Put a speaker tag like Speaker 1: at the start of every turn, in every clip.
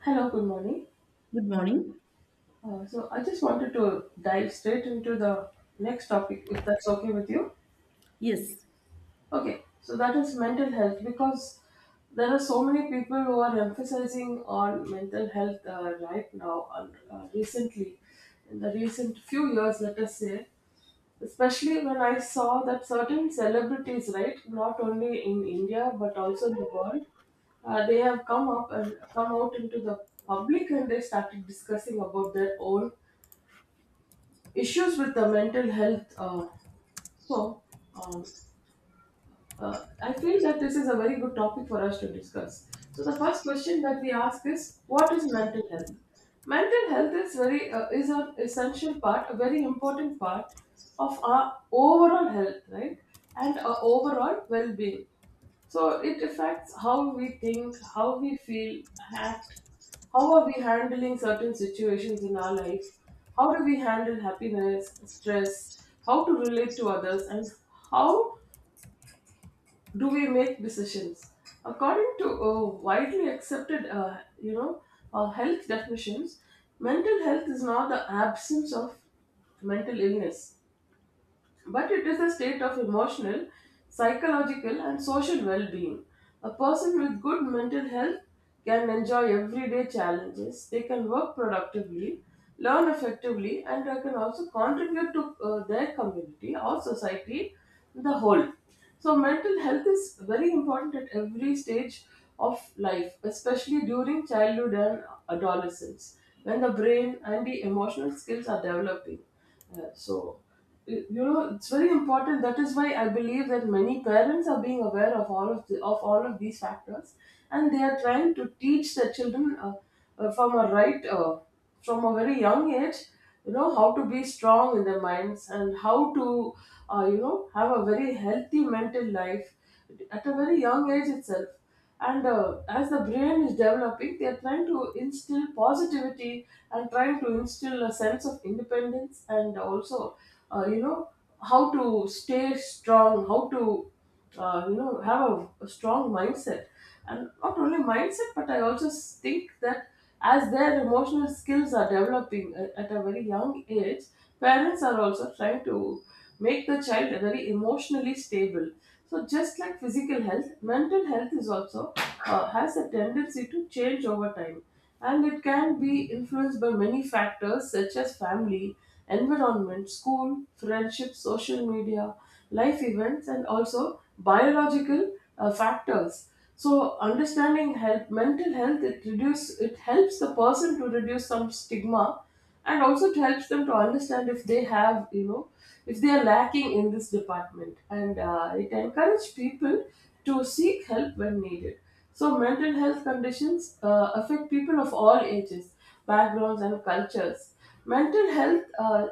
Speaker 1: Hello, good morning.
Speaker 2: Good morning.
Speaker 1: So I just wanted to dive straight into the next topic, if that's okay with you.
Speaker 2: Yes,
Speaker 1: Okay, so that is mental health because there are so many people who are emphasizing on mental health right now and recently, in the recent few years, let us say, especially when I saw that certain celebrities, right, not only in India but also in the world, they have come up and come out into the public and they started discussing about their own issues with the mental health. So, um, I feel that this is a very good topic for us to discuss. So the first question that we ask is, what is mental health? Mental health is an essential part, a very important part of our overall health, right, and our overall well-being. So it affects how we think, how we feel, act, how are we handling certain situations in our life, how do we handle happiness, stress, how to relate to others, and how do we make decisions according to widely accepted health definitions. Mental health is not the absence of mental illness, but it is a state of emotional, psychological, and social well being. A person with good mental health can enjoy everyday challenges, they can work productively, learn effectively, and they can also contribute to their community or society in the whole. So, mental health is very important at every stage of life, especially during childhood and adolescence, when the brain and the emotional skills are developing. Uh, so, you know, it's very important. That is why I believe that many parents are being aware of of all of these factors and they are trying to teach their children uh, from a right uh, from a very young age, you know, how to be strong in their minds and how to you know, have a very healthy mental life at a very young age itself. And as the brain is developing, they are trying to instill positivity and trying to instill a sense of independence, and also you know, how to stay strong, how to you know, have a strong mindset. And not only mindset, but I also think that as their emotional skills are developing at a very young age, parents are also trying to make the child very emotionally stable. So just like physical health, mental health is also, has a tendency to change over time, and it can be influenced by many factors such as family, environment, school, friendship, social media, life events, and also biological factors. So understanding health, mental health, it helps the person to reduce some stigma, and also it helps them to understand if they have, you know, if they are lacking in this department. And it encourages people to seek help when needed. So mental health conditions affect people of all ages, backgrounds and cultures. Mental health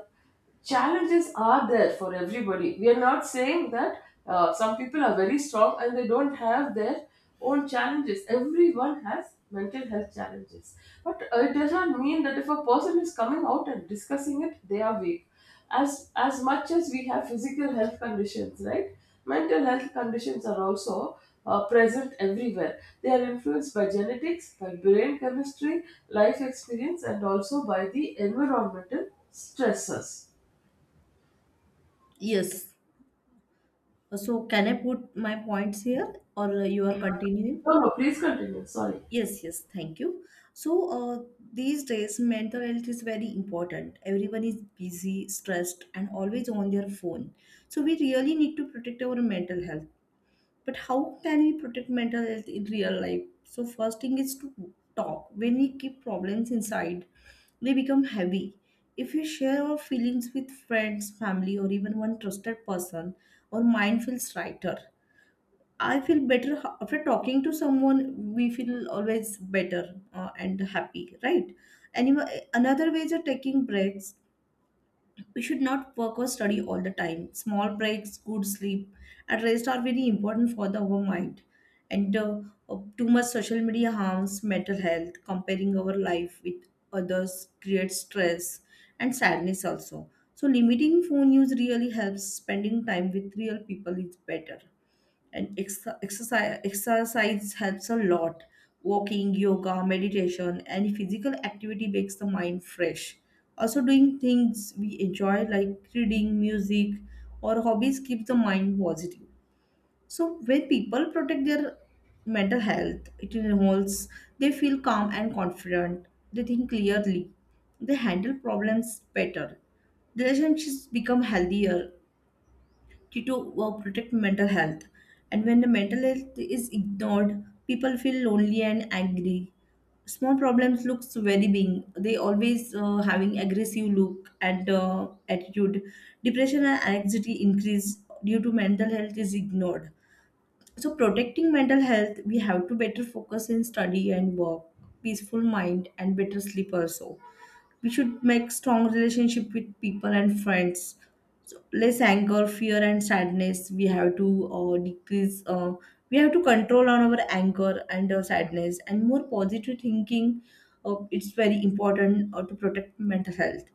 Speaker 1: challenges are there for everybody. We are not saying that some people are very strong and they don't have their own challenges. Everyone has mental health challenges. But it does not mean that if a person is coming out and discussing it, they are weak. As much as we have physical health conditions, right? Mental health conditions are also present everywhere. They are influenced by genetics, by brain chemistry, life experience, and also by the environmental stressors.
Speaker 2: yes. Can I put my points here or you are continuing?
Speaker 1: No, no, please continue. Sorry.
Speaker 2: Yes, Thank you. So, these days, mental health is very important. Everyone is busy, stressed, and always on their phone. So, we really need to protect our mental health. But how can we protect mental health in real life? So first thing is to talk. When we keep problems inside, they become heavy. If we share our feelings with friends, family, or even one trusted person, our mind feels lighter. I feel better after talking to someone, we feel always better, and happy, right? And another way is taking breaks. We should not work or study all the time. Small breaks, good sleep, and rest are very important for the our mind. And Too much social media harms mental health. Comparing our life with others creates stress and sadness also. So limiting phone use really helps. Spending time with real people is better, and exercise helps a lot. Walking, yoga, meditation, and physical activity makes the mind fresh. Also doing things we enjoy like reading, music, or hobbies keeps the mind positive. So when people protect their mental health, it involves they feel calm and confident, they think clearly, they handle problems better, relationships become healthier, to protect mental health. And when the mental health is ignored, people feel lonely and angry. Small problems looks very big. They always having aggressive look and attitude. Depression and anxiety increase due to mental health is ignored. So protecting mental health, we have to better focus in study and work, peaceful mind and better sleep also. We should make strong relationship with people and friends. So less anger, fear, and sadness we have to decrease. We have to control on our anger and sadness and more positive thinking. It's very important to protect mental health.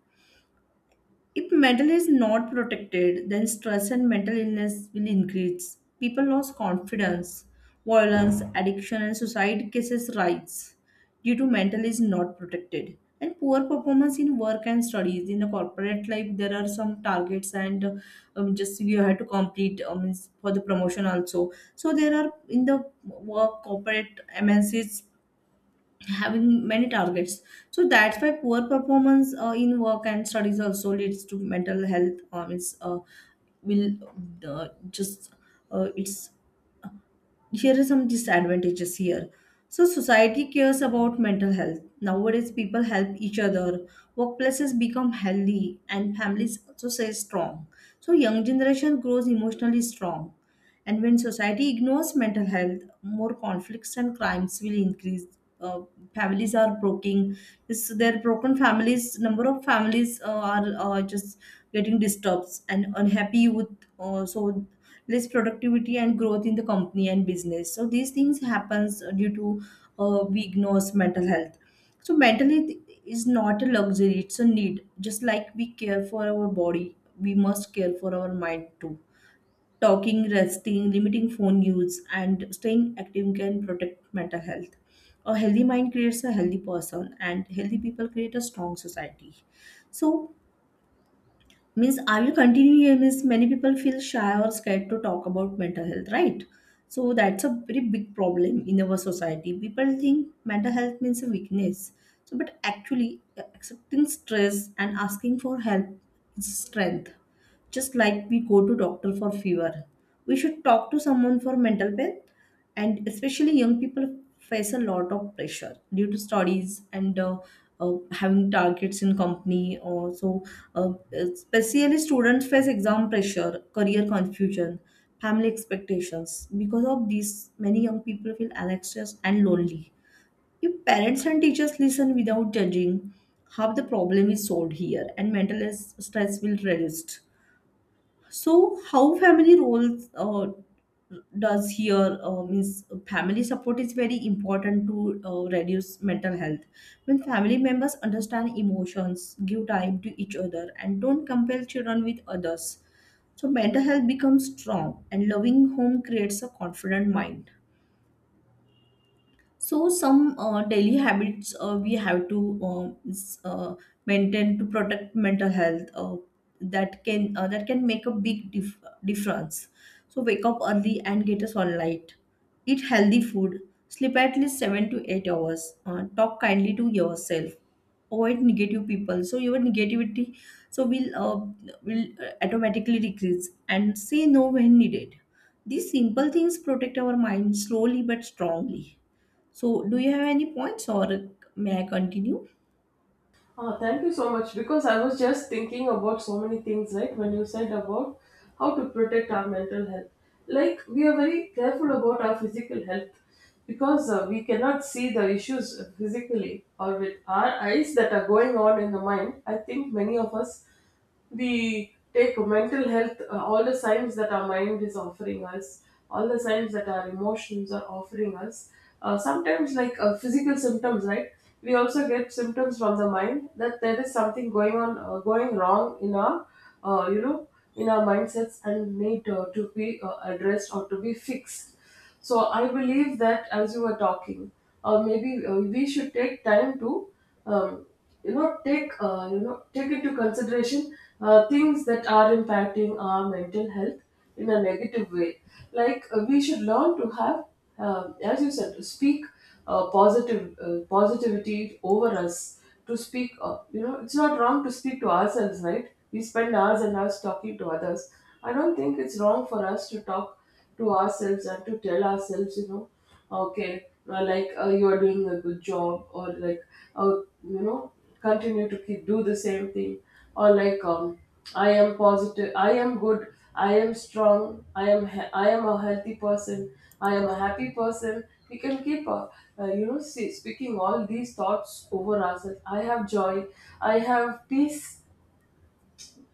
Speaker 2: If mental is not protected, then stress and mental illness will increase. People lose confidence, violence, addiction, and suicide cases rise due to mental is not protected. And poor performance in work and studies. In a corporate life, there are some targets and just you have to complete, is for the promotion also. So there are in the work corporate MNCs having many targets. So that's why poor performance in work and studies also leads to mental health. It's will just it's Here are some disadvantages here. So society cares about mental health nowadays. People help each other, workplaces become healthy, and families also stay strong. So young generation grows emotionally strong. And when society ignores mental health, more conflicts and crimes will increase. Uh, families are broken. Their broken families, number of families are just getting disturbed and unhappy with so less productivity and growth in the company and business. So these things happens due to we ignores mental health. So mental health is not a luxury; it's a need. Just like we care for our body, we must care for our mind too. Talking, resting, limiting phone use, and staying active can protect mental health. A healthy mind creates a healthy person, and healthy people create a strong society. So, means I will continue here. Means many people feel shy or scared to talk about mental health, right? So that's a very big problem in our society. People think mental health means a weakness. So, but actually, accepting stress and asking for help is strength. Just like we go to doctor for fever, we should talk to someone for mental health. And especially young people face a lot of pressure due to studies and having targets in company also. Especially students face exam pressure, career confusion, family expectations. Because of these, many young people feel anxious and lonely. If parents and teachers listen without judging, half the problem is solved here and mental stress will reduced. So, how family roles does here, means family support is very important to reduce mental health. When family members understand emotions, give time to each other, and don't compare children with others, so mental health becomes strong, and loving home creates a confident mind. So some daily habits we have to maintain to protect mental health that can make a big dif- difference. So wake up early and get a sunlight. Eat healthy food. Sleep at least 7 to 8 hours. Talk kindly to yourself. Avoid negative people. So your negativity so will automatically decrease and say no when needed. These simple things protect our mind slowly but strongly. So, do you have any points or may I continue?
Speaker 1: Ah, thank you so much, because I was just thinking about so many things, right? When you said about how to protect our mental health. Like, we are very careful about our physical health because we cannot see the issues physically or with our eyes that are going on in the mind. I think many of us, we take mental health, all the signs that our mind is offering us, all the signs that our emotions are offering us, sometimes like physical symptoms, right? We also get symptoms from the mind that there is something going on, going wrong in our, you know, in our mindsets, and need to be addressed or to be fixed. So I believe that, as you were talking, or maybe we should take time to, um, you know, take take into consideration things that are impacting our mental health in a negative way. Like we should learn to have, as you said, to speak positive positivity over us. To speak, you know, it's not wrong to speak to ourselves, right? We spend hours and hours talking to others. I don't think it's wrong for us to talk to ourselves and to tell ourselves, you know, okay, like you are doing a good job, or like, uh, you know, continue to keep do the same thing, or like, I am positive, I am good, I am strong, I am a healthy person, I am a happy person. We can keep, you know, see, speaking all these thoughts over ourselves. I have joy, I have peace,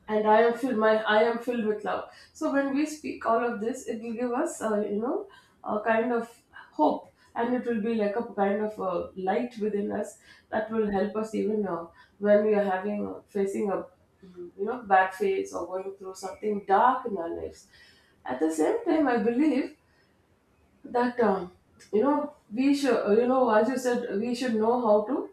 Speaker 1: and I am filled. My I am filled with love. So when we speak all of this, it will give us, you know, a kind of hope, and it will be like a kind of a light within us that will help us even when we are having facing a, you know, bad phase, or going through something dark in our lives. At the same time, I believe that, you know, we should, you know, as you said, we should know how to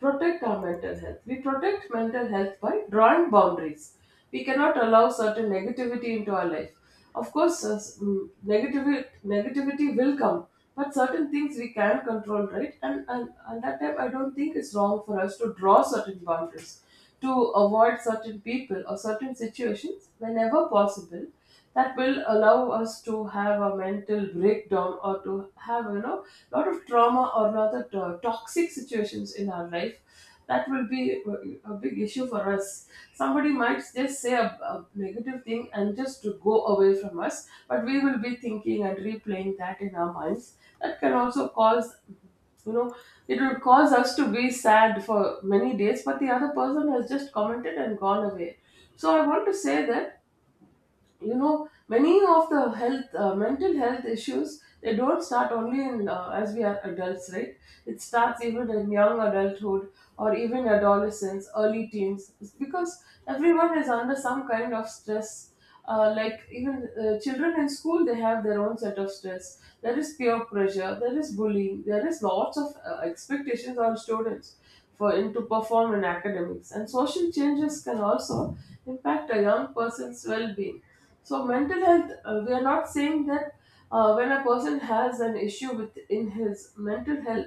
Speaker 1: protect our mental health. We protect mental health by drawing boundaries. We cannot allow certain negativity into our life. Of course, negativity will come, but certain things we can control, right? And that time, I don't think it's wrong for us to draw certain boundaries, to avoid certain people or certain situations whenever possible, that will allow us to have a mental breakdown, or to have, you know, a lot of trauma, or rather toxic situations in our life, that will be a big issue for us. Somebody might just say a negative thing and just to go away from us, but we will be thinking and replaying that in our minds. That can also cause, you know, it will cause us to be sad for many days, but the other person has just commented and gone away. So I want to say that, you know, many of the health mental health issues, they don't start only in, as we are adults, right? It starts even in young adulthood, or even adolescence, early teens. It's because everyone is under some kind of stress. Like even children in school, they have their own set of stress. There is peer pressure, there is bullying, there is lots of expectations on students for him to perform in academics, and social changes can also impact a young person's well-being. So mental health, we are not saying that when a person has an issue within his mental health,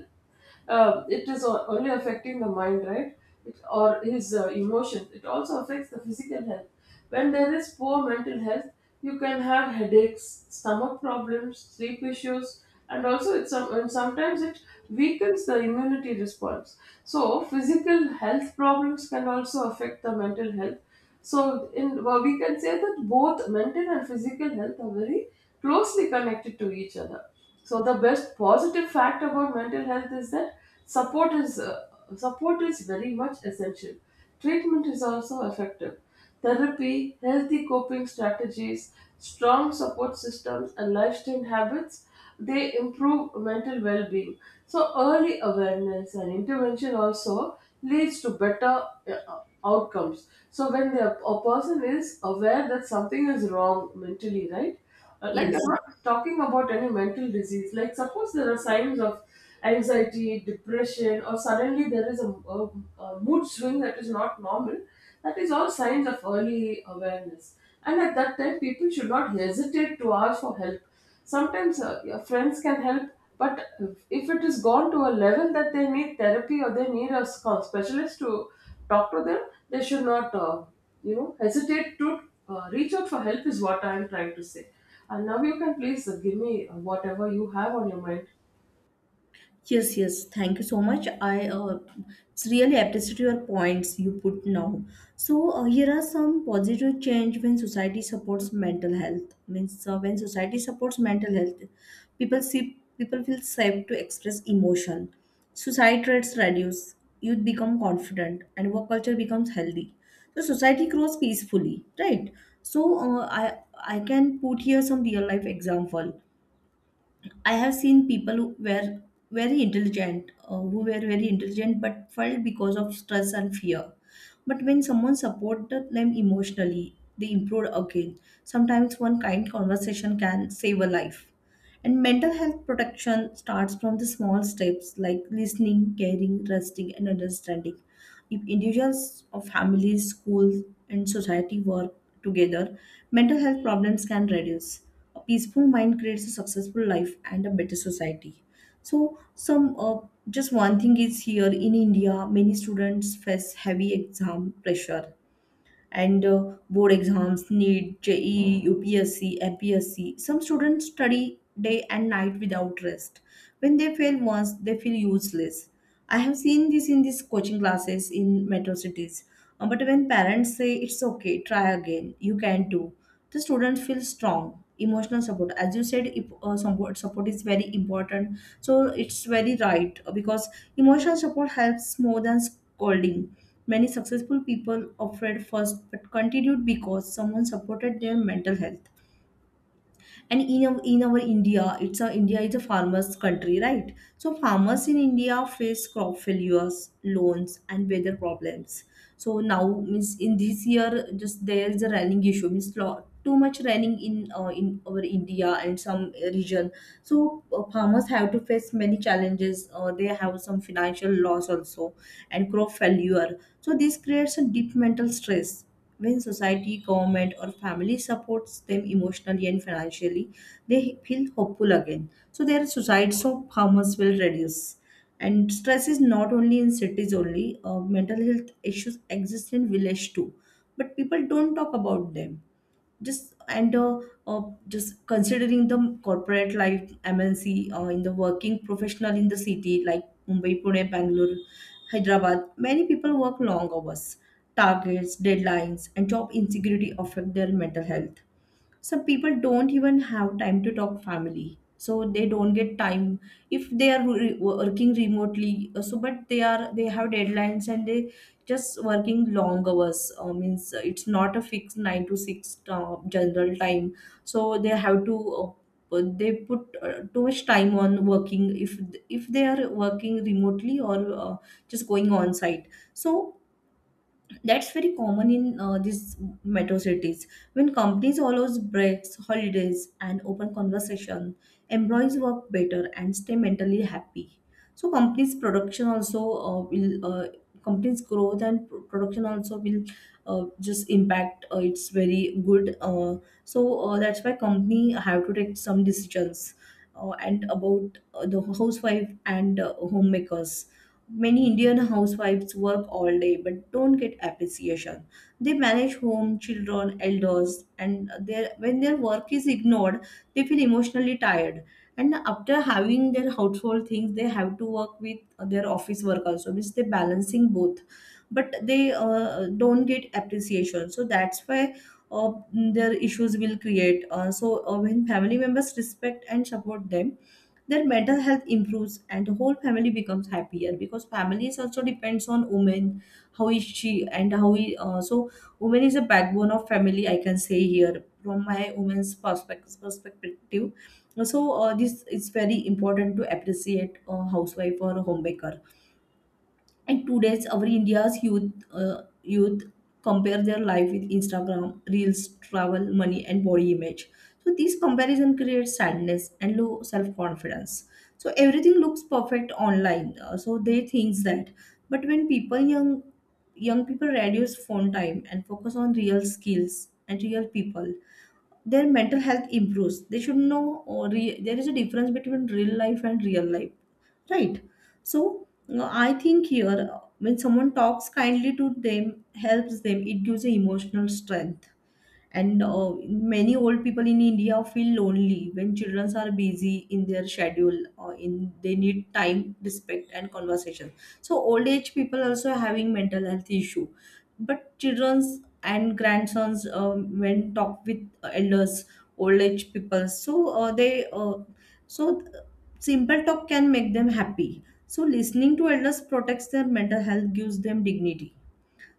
Speaker 1: it is only affecting the mind, right? It, or his emotions. It also affects the physical health. When there is poor mental health, you can have headaches, stomach problems, sleep issues, and also it sometimes it weakens the immunity response. So physical health problems can also affect the mental health. So, in well, we can say that both mental and physical health are very closely connected to each other. So, the best positive fact about mental health is that support is uh, support is very much essential. Treatment is also effective. Therapy, healthy coping strategies, strong support systems, and lifestyle habits, they improve mental well-being. So early awareness and intervention also leads to better outcomes. So when a person is aware that something is wrong mentally, right, like I'm
Speaker 2: Yes.
Speaker 1: not talking about any mental disease, like suppose there are signs of anxiety, depression, or suddenly there is a, a mood swing that is not normal, that is all signs of early awareness. And at that time, people should not hesitate to ask for help. Sometimes your friends can help, but if it is gone to a level that they need therapy, or they need a specialist to talk to them, they should not, you know, hesitate to reach out for help. Is what I am trying to say. And now you can please give me whatever you have on your mind.
Speaker 2: Yes, yes. Thank you so much. I It's really appreciate your points you put now. So here are some positive change when society supports mental health. Means when society supports mental health, people feel safe to express emotion. Suicide rates reduce. Youth become confident, and work culture becomes healthy. So society grows peacefully, right? So I can put here some real life example. I have seen people who were very intelligent, but felt because of stress and fear. But when someone supported them emotionally, they improved again. Sometimes one kind conversation can save a life. And mental health protection starts from the small steps like listening, caring, resting, and understanding. If individuals or families, schools, and society work together, mental health problems can reduce. A peaceful mind creates a successful life and a better society. So, some just one thing is here in India, many students face heavy exam pressure and board exams, NEET, JEE, UPSC, MPSC. Some students study day and night without rest. When they fail once, they feel useless. I have seen this in these coaching classes in metro cities. But when parents say it's okay, try again, you can too, the students feel strong emotional support. As you said, if support is very important, so it's very right, because emotional support helps more than scolding. Many successful people offered first but continued because someone supported their mental health. And in our india, it's a india is a farmers country, right? So farmers in india face crop failures, loans, and weather problems. So now, means in this year just there is a running issue, means too much running in our india and some region. So farmers have to face many challenges. They have some financial loss also and crop failure. So this creates a deep mental stress. When society, government, or family supports them emotionally and financially, they feel hopeful again. So their suicides of farmers will reduce. And stress is not only in cities only. Mental health issues exist in village too, but people don't talk about them just and uh, uh, just considering the corporate life, MNC, in the working professional in the city like Mumbai, Pune, Bangalore, Hyderabad, many people work long hours. Targets, deadlines, and job insecurity affect their mental health. Some people don't even have time to talk family so they don't get time. If they are working remotely, so but they are they have deadlines and they just working long hours. Means it's not a fixed 9 to 6 general time. So they have to they put too much time on working. If they are working remotely or just going on site, so that's very common in these metro cities. When companies allows breaks, holidays, and open conversation, employees work better and stay mentally happy. So uh, will uh, companies' growth and production also will just impact. It's very good. So that's why company have to take some decisions, and about the housewife and homemakers. Many Indian housewives work all day but don't get appreciation. They manage home, children, elders, and their, when their work is ignored, they feel emotionally tired. And after having their household things, they have to work with their office work also, means they're balancing both. But they don't get appreciation. So that's why their issues will create. So when family members respect and support them, their mental health improves and the whole family becomes happier, because family is also depends on women, how is she and how we so woman is a backbone of family, I can say here from my woman's perspective. So this is very important to appreciate a housewife or a homemaker. And today's our India's youth compare their life with Instagram, reels, travel, money, and body image. So this comparison creates sadness and low self confidence. So everything looks perfect online. So they thinks that. But when people young people reduce phone time and focus on real skills and real people, their mental health improves. They should know, or there is a difference between real life and real life, right? So I think here, when someone talks kindly to them, helps them, it gives a emotional strength. And many old people in India feel lonely when children are busy in their schedule, or in they need time, respect, and conversation. So old age people also having mental health issue. But children's and grandsons, when talk with elders, old age people, so they so simple talk can make them happy. So listening to elders protects their mental health, gives them dignity.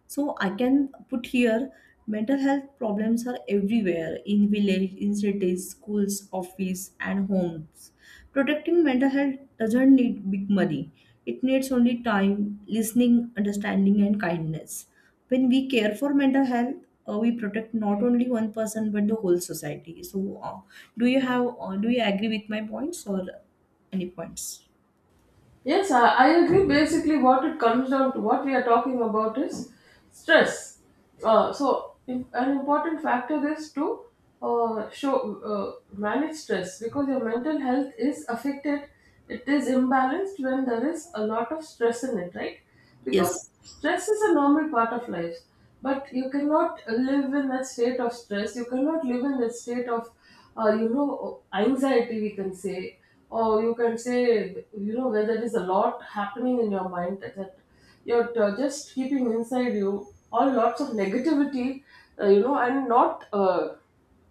Speaker 2: So I can put here, mental health problems are everywhere, in village, in cities, schools, office and homes. Protecting mental health doesn't need big money. It needs only time, listening, understanding and kindness. When we care for mental health, we protect not only one person but the whole society. So, do you have do you agree with my points or any points?
Speaker 1: Yes, I agree. Basically, what it comes down to, what we are talking about is stress. An important factor is to show, manage stress because your mental health is affected. It is imbalanced when there is a lot of stress in it, right? Because
Speaker 2: Yes.
Speaker 1: stress is a normal part of life, but you cannot live in that state of stress, you cannot live in that state of you know, anxiety, we can say, or you can say, you know, where there is a lot happening in your mind that just keeping inside you, all lots of negativity, you know, and not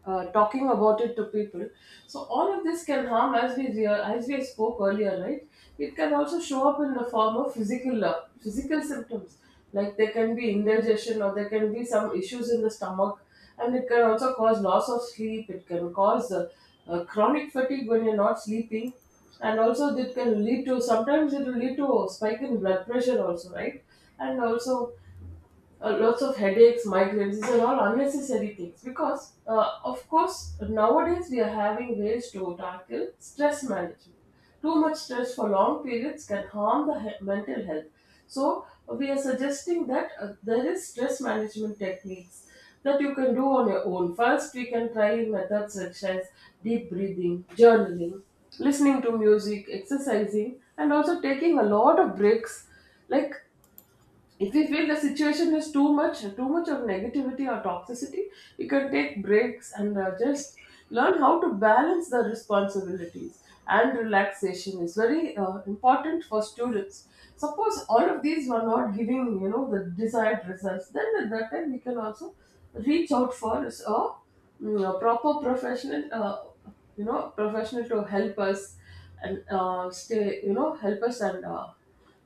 Speaker 1: talking about it to people. So all of this can harm, as as we spoke earlier, right? It can also show up in the form of physical physical symptoms, like there can be indigestion, or there can be some issues in the stomach, and it can also cause loss of sleep. It can cause chronic fatigue when you're not sleeping, and also it can lead to, sometimes it will lead to, a spike in blood pressure also, right? And also, lots of headaches, migraines. These are all unnecessary things because, of course, nowadays we are having ways to tackle stress management. Too much stress for long periods can harm the mental health. So we are suggesting that there is stress management techniques that you can do on your own. First, we can try methods such as deep breathing, journaling, listening to music, exercising, and also taking a lot of breaks, like, if we feel the situation is too much, too much of negativity or toxicity, we can take breaks and just learn how to balance the responsibilities, and relaxation is very important for students. Suppose all of these were not giving, you know, the desired results, then at that time we can also reach out for a, a proper professional, you know, professional to help us, and stay, you know, help us, and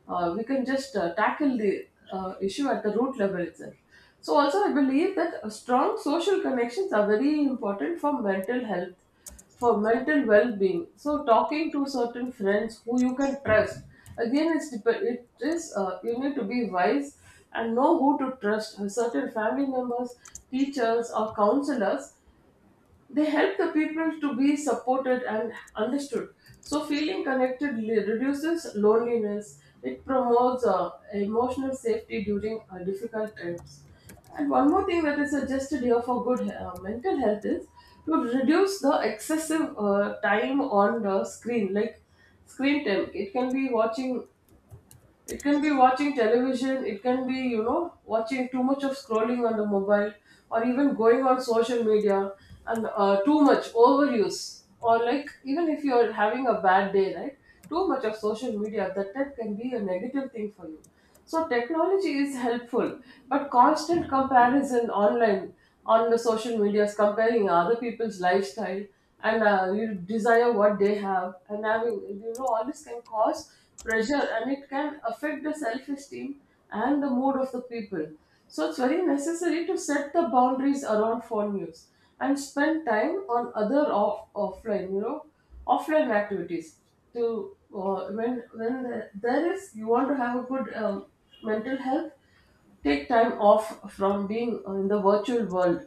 Speaker 1: we can just tackle the issue at the root level itself. So, also, I believe that strong social connections are very important for mental health, for mental well being. So, talking to certain friends who you can trust, again, it is, you need to be wise and know who to trust, certain family members, teachers, or counselors, they help the people to be supported and understood. So, feeling connected reduces loneliness. It promotes emotional safety during difficult times. And one more thing that is suggested here for good mental health is to reduce the excessive time on the screen, like screen time. It can be watching, it can be watching television, it can be, you know, watching too much of scrolling on the mobile, or even going on social media and too much overuse. Or, like, even if you're having a bad day, right? Too much of social media at that time can be a negative thing for you. So technology is helpful, but constant comparison online, on the social medias, comparing other people's lifestyle and you desire what they have, and having, you know, all this can cause pressure, and it can affect the self-esteem and the mood of the people. So it's very necessary to set the boundaries around phone use and spend time on other offline, you know, offline activities to when there is, you want to have a good mental health, take time off from being in the virtual world,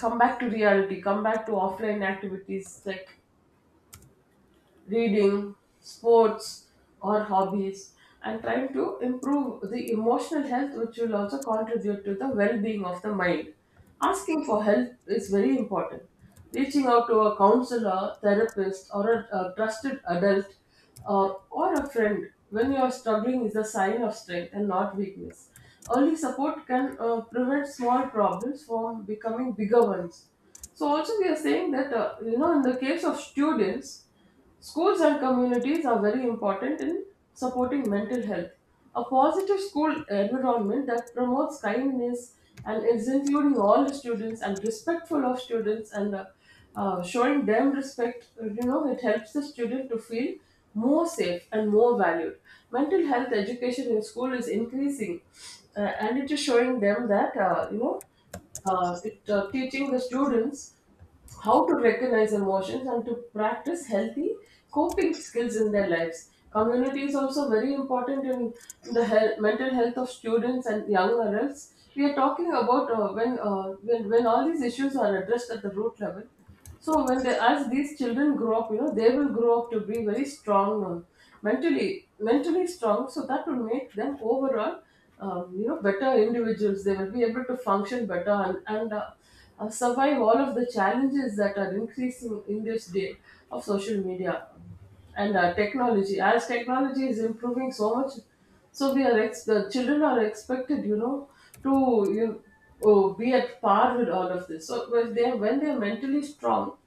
Speaker 1: come back to reality, come back to offline activities like reading, sports, or hobbies, and trying to improve the emotional health, which will also contribute to the well being of the mind. Asking for help is very important. Reaching out to a counselor, therapist, or a trusted adult, or a friend when you are struggling is a sign of strength and not weakness. Early support can prevent small problems from becoming bigger ones. So also we are saying that, you know, in the case of students, schools and communities are very important in supporting mental health. A positive school environment that promotes kindness and is including all the students and respectful of students, and showing them respect, you know, it helps the student to feel more safe and more valued. Mental health education in school is increasing, and it is showing them that, you know, teaching the students how to recognize emotions and to practice healthy coping skills in their lives. Community is also very important in the health, mental health of students and young adults. We are talking about, when all these issues are addressed at the root level. So when they, as these children grow up, you know, they will grow up to be very strong, mentally strong. So that will make them overall, you know, better individuals. They will be able to function better, and survive all of the challenges that are increasing in this day of social media and technology. As technology is improving so much, so the children are expected, you know, to you oh, be at par with all of this. So when they are mentally strong,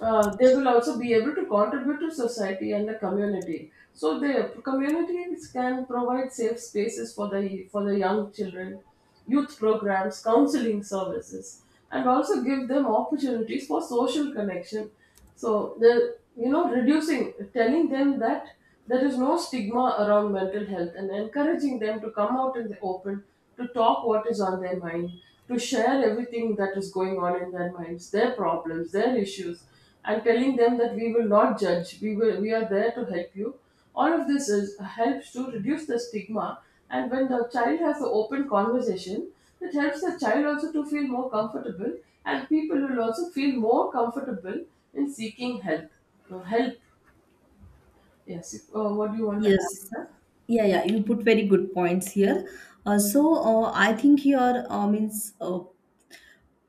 Speaker 1: they will also be able to contribute to society and the community. So the communities can provide safe spaces for the young children, youth programs, counseling services, and also give them opportunities for social connection. So the, you know, reducing, telling them that there is no stigma around mental health and encouraging them to come out in the open to talk what is on their mind, to share everything that is going on in their minds, their problems, their issues, and telling them that we will not judge, we will we are there to help you. All of this is helps to reduce the stigma, and when the child has an open conversation, it helps the child also to feel more comfortable, and people will also feel more comfortable in seeking help. Help, yes. What do you want to add,
Speaker 2: Yes.
Speaker 1: sir?
Speaker 2: Yeah, yeah, you put very good points here. I think here, means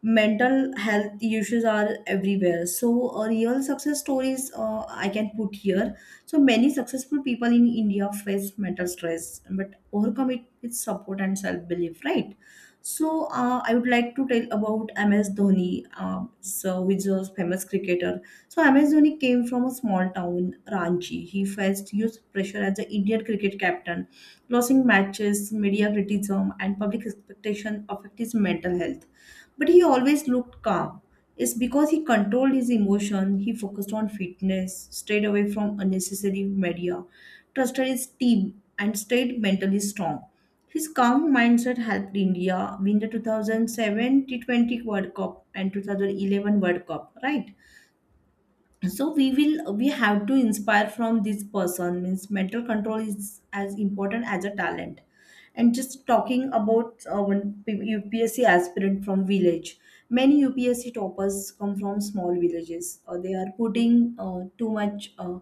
Speaker 2: mental health issues are everywhere. So, real success stories I can put here. So many successful people in India face mental stress, but overcome it with support and self-belief, right? So, I would like to tell about MS Dhoni, which is a famous cricketer. So MS Dhoni came from a small town, Ranchi. He faced huge pressure as the Indian cricket captain. Losing matches, media criticism, and public expectation affect his mental health. But he always looked calm. It's because he controlled his emotion. He focused on fitness, stayed away from unnecessary media, trusted his team, and stayed mentally strong. His calm mindset helped India win the 2007 T20 World Cup and 2011 World Cup, right? So we have to inspire from this person, means mental control is as important as a talent. And just talking about one upsc aspirant from village, many upsc toppers come from small villages. They are putting too much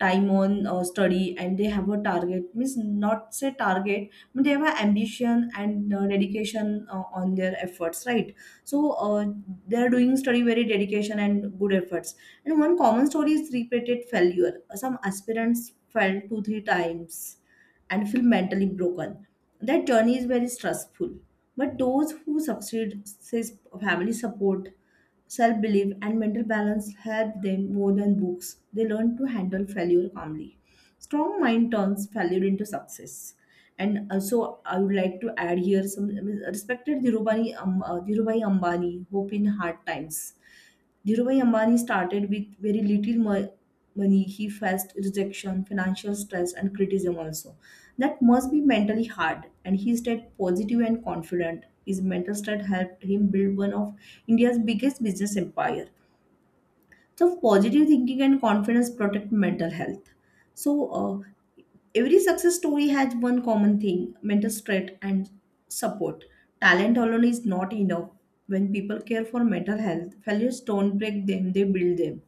Speaker 2: time on study, and they have a target, means not say target, but they have an ambition and dedication on their efforts, right? So they are doing study very dedication and good efforts. And one common story is repeated failure. Some aspirants failed 2 3 times and feel mentally broken. That journey is very stressful. But those who succeed, says family support, self belief, and mental balance help them more than books. They learn to handle failure calmly. Strong mind turns failure into success. And also, I would like to add here some respected Dhirubhai, Dhirubhai Ambani, hope in hard times. Dhirubhai Ambani started with very little money. He faced rejection, financial stress, and criticism also. That must be mentally hard, and he stayed positive and confident. His mental state helped him build one of India's biggest business empire. So, positive thinking and confidence protect mental health. So, uh, every success story has one common thing, mental strength and support. Talent alone is not enough. When people care for mental health, failures don't break them, they build them.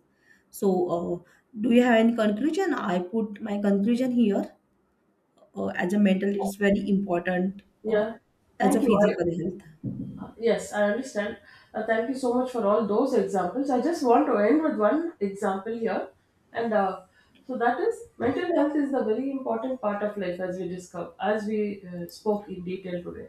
Speaker 2: So, do you have any conclusion? I put my conclusion here. As a mental, it's very important uh,
Speaker 1: Yeah.
Speaker 2: as a
Speaker 1: Thank you. I-
Speaker 2: physical health.
Speaker 1: Yes, I understand. Thank you so much for all those examples. I just want to end with one example here. And so that is, mental health is the very important part of life, as we discover, as we spoke in detail today.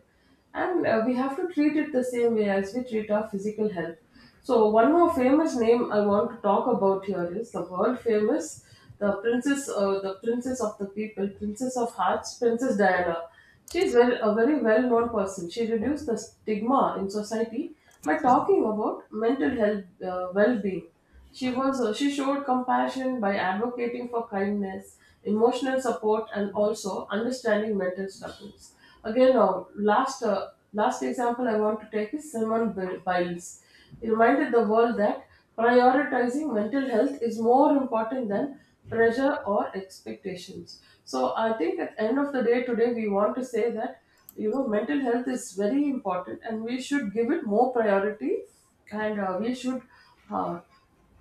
Speaker 1: And we have to treat it the same way as we treat our physical health. So one more famous name I want to talk about here is the world famous, the princess of the people, princess of hearts, Princess Diana. She is very, a very well-known person. She reduced the stigma in society by talking about mental health, well-being. She showed compassion by advocating for kindness, emotional support, and also understanding mental struggles. Again, last, last example I want to take is Biles. He reminded the world that prioritizing mental health is more important than pressure or expectations. So I think at the end of the day today we want to say that, you know, mental health is very important and we should give it more priority, and we should uh,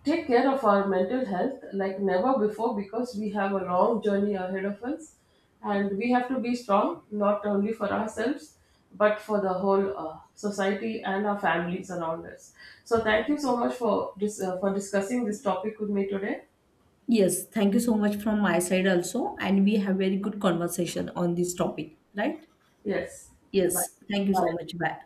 Speaker 1: take care of our mental health like never before, because we have a long journey ahead of us, and we have to be strong not only for ourselves but for the whole society and our families around us. So thank you so much for for discussing this topic with me today.
Speaker 2: Yes, thank you so much from my side also. And we have very good conversation on this topic, right?
Speaker 1: Yes. Bye.
Speaker 2: Yes, thank you so
Speaker 1: Bye.
Speaker 2: much. Bye.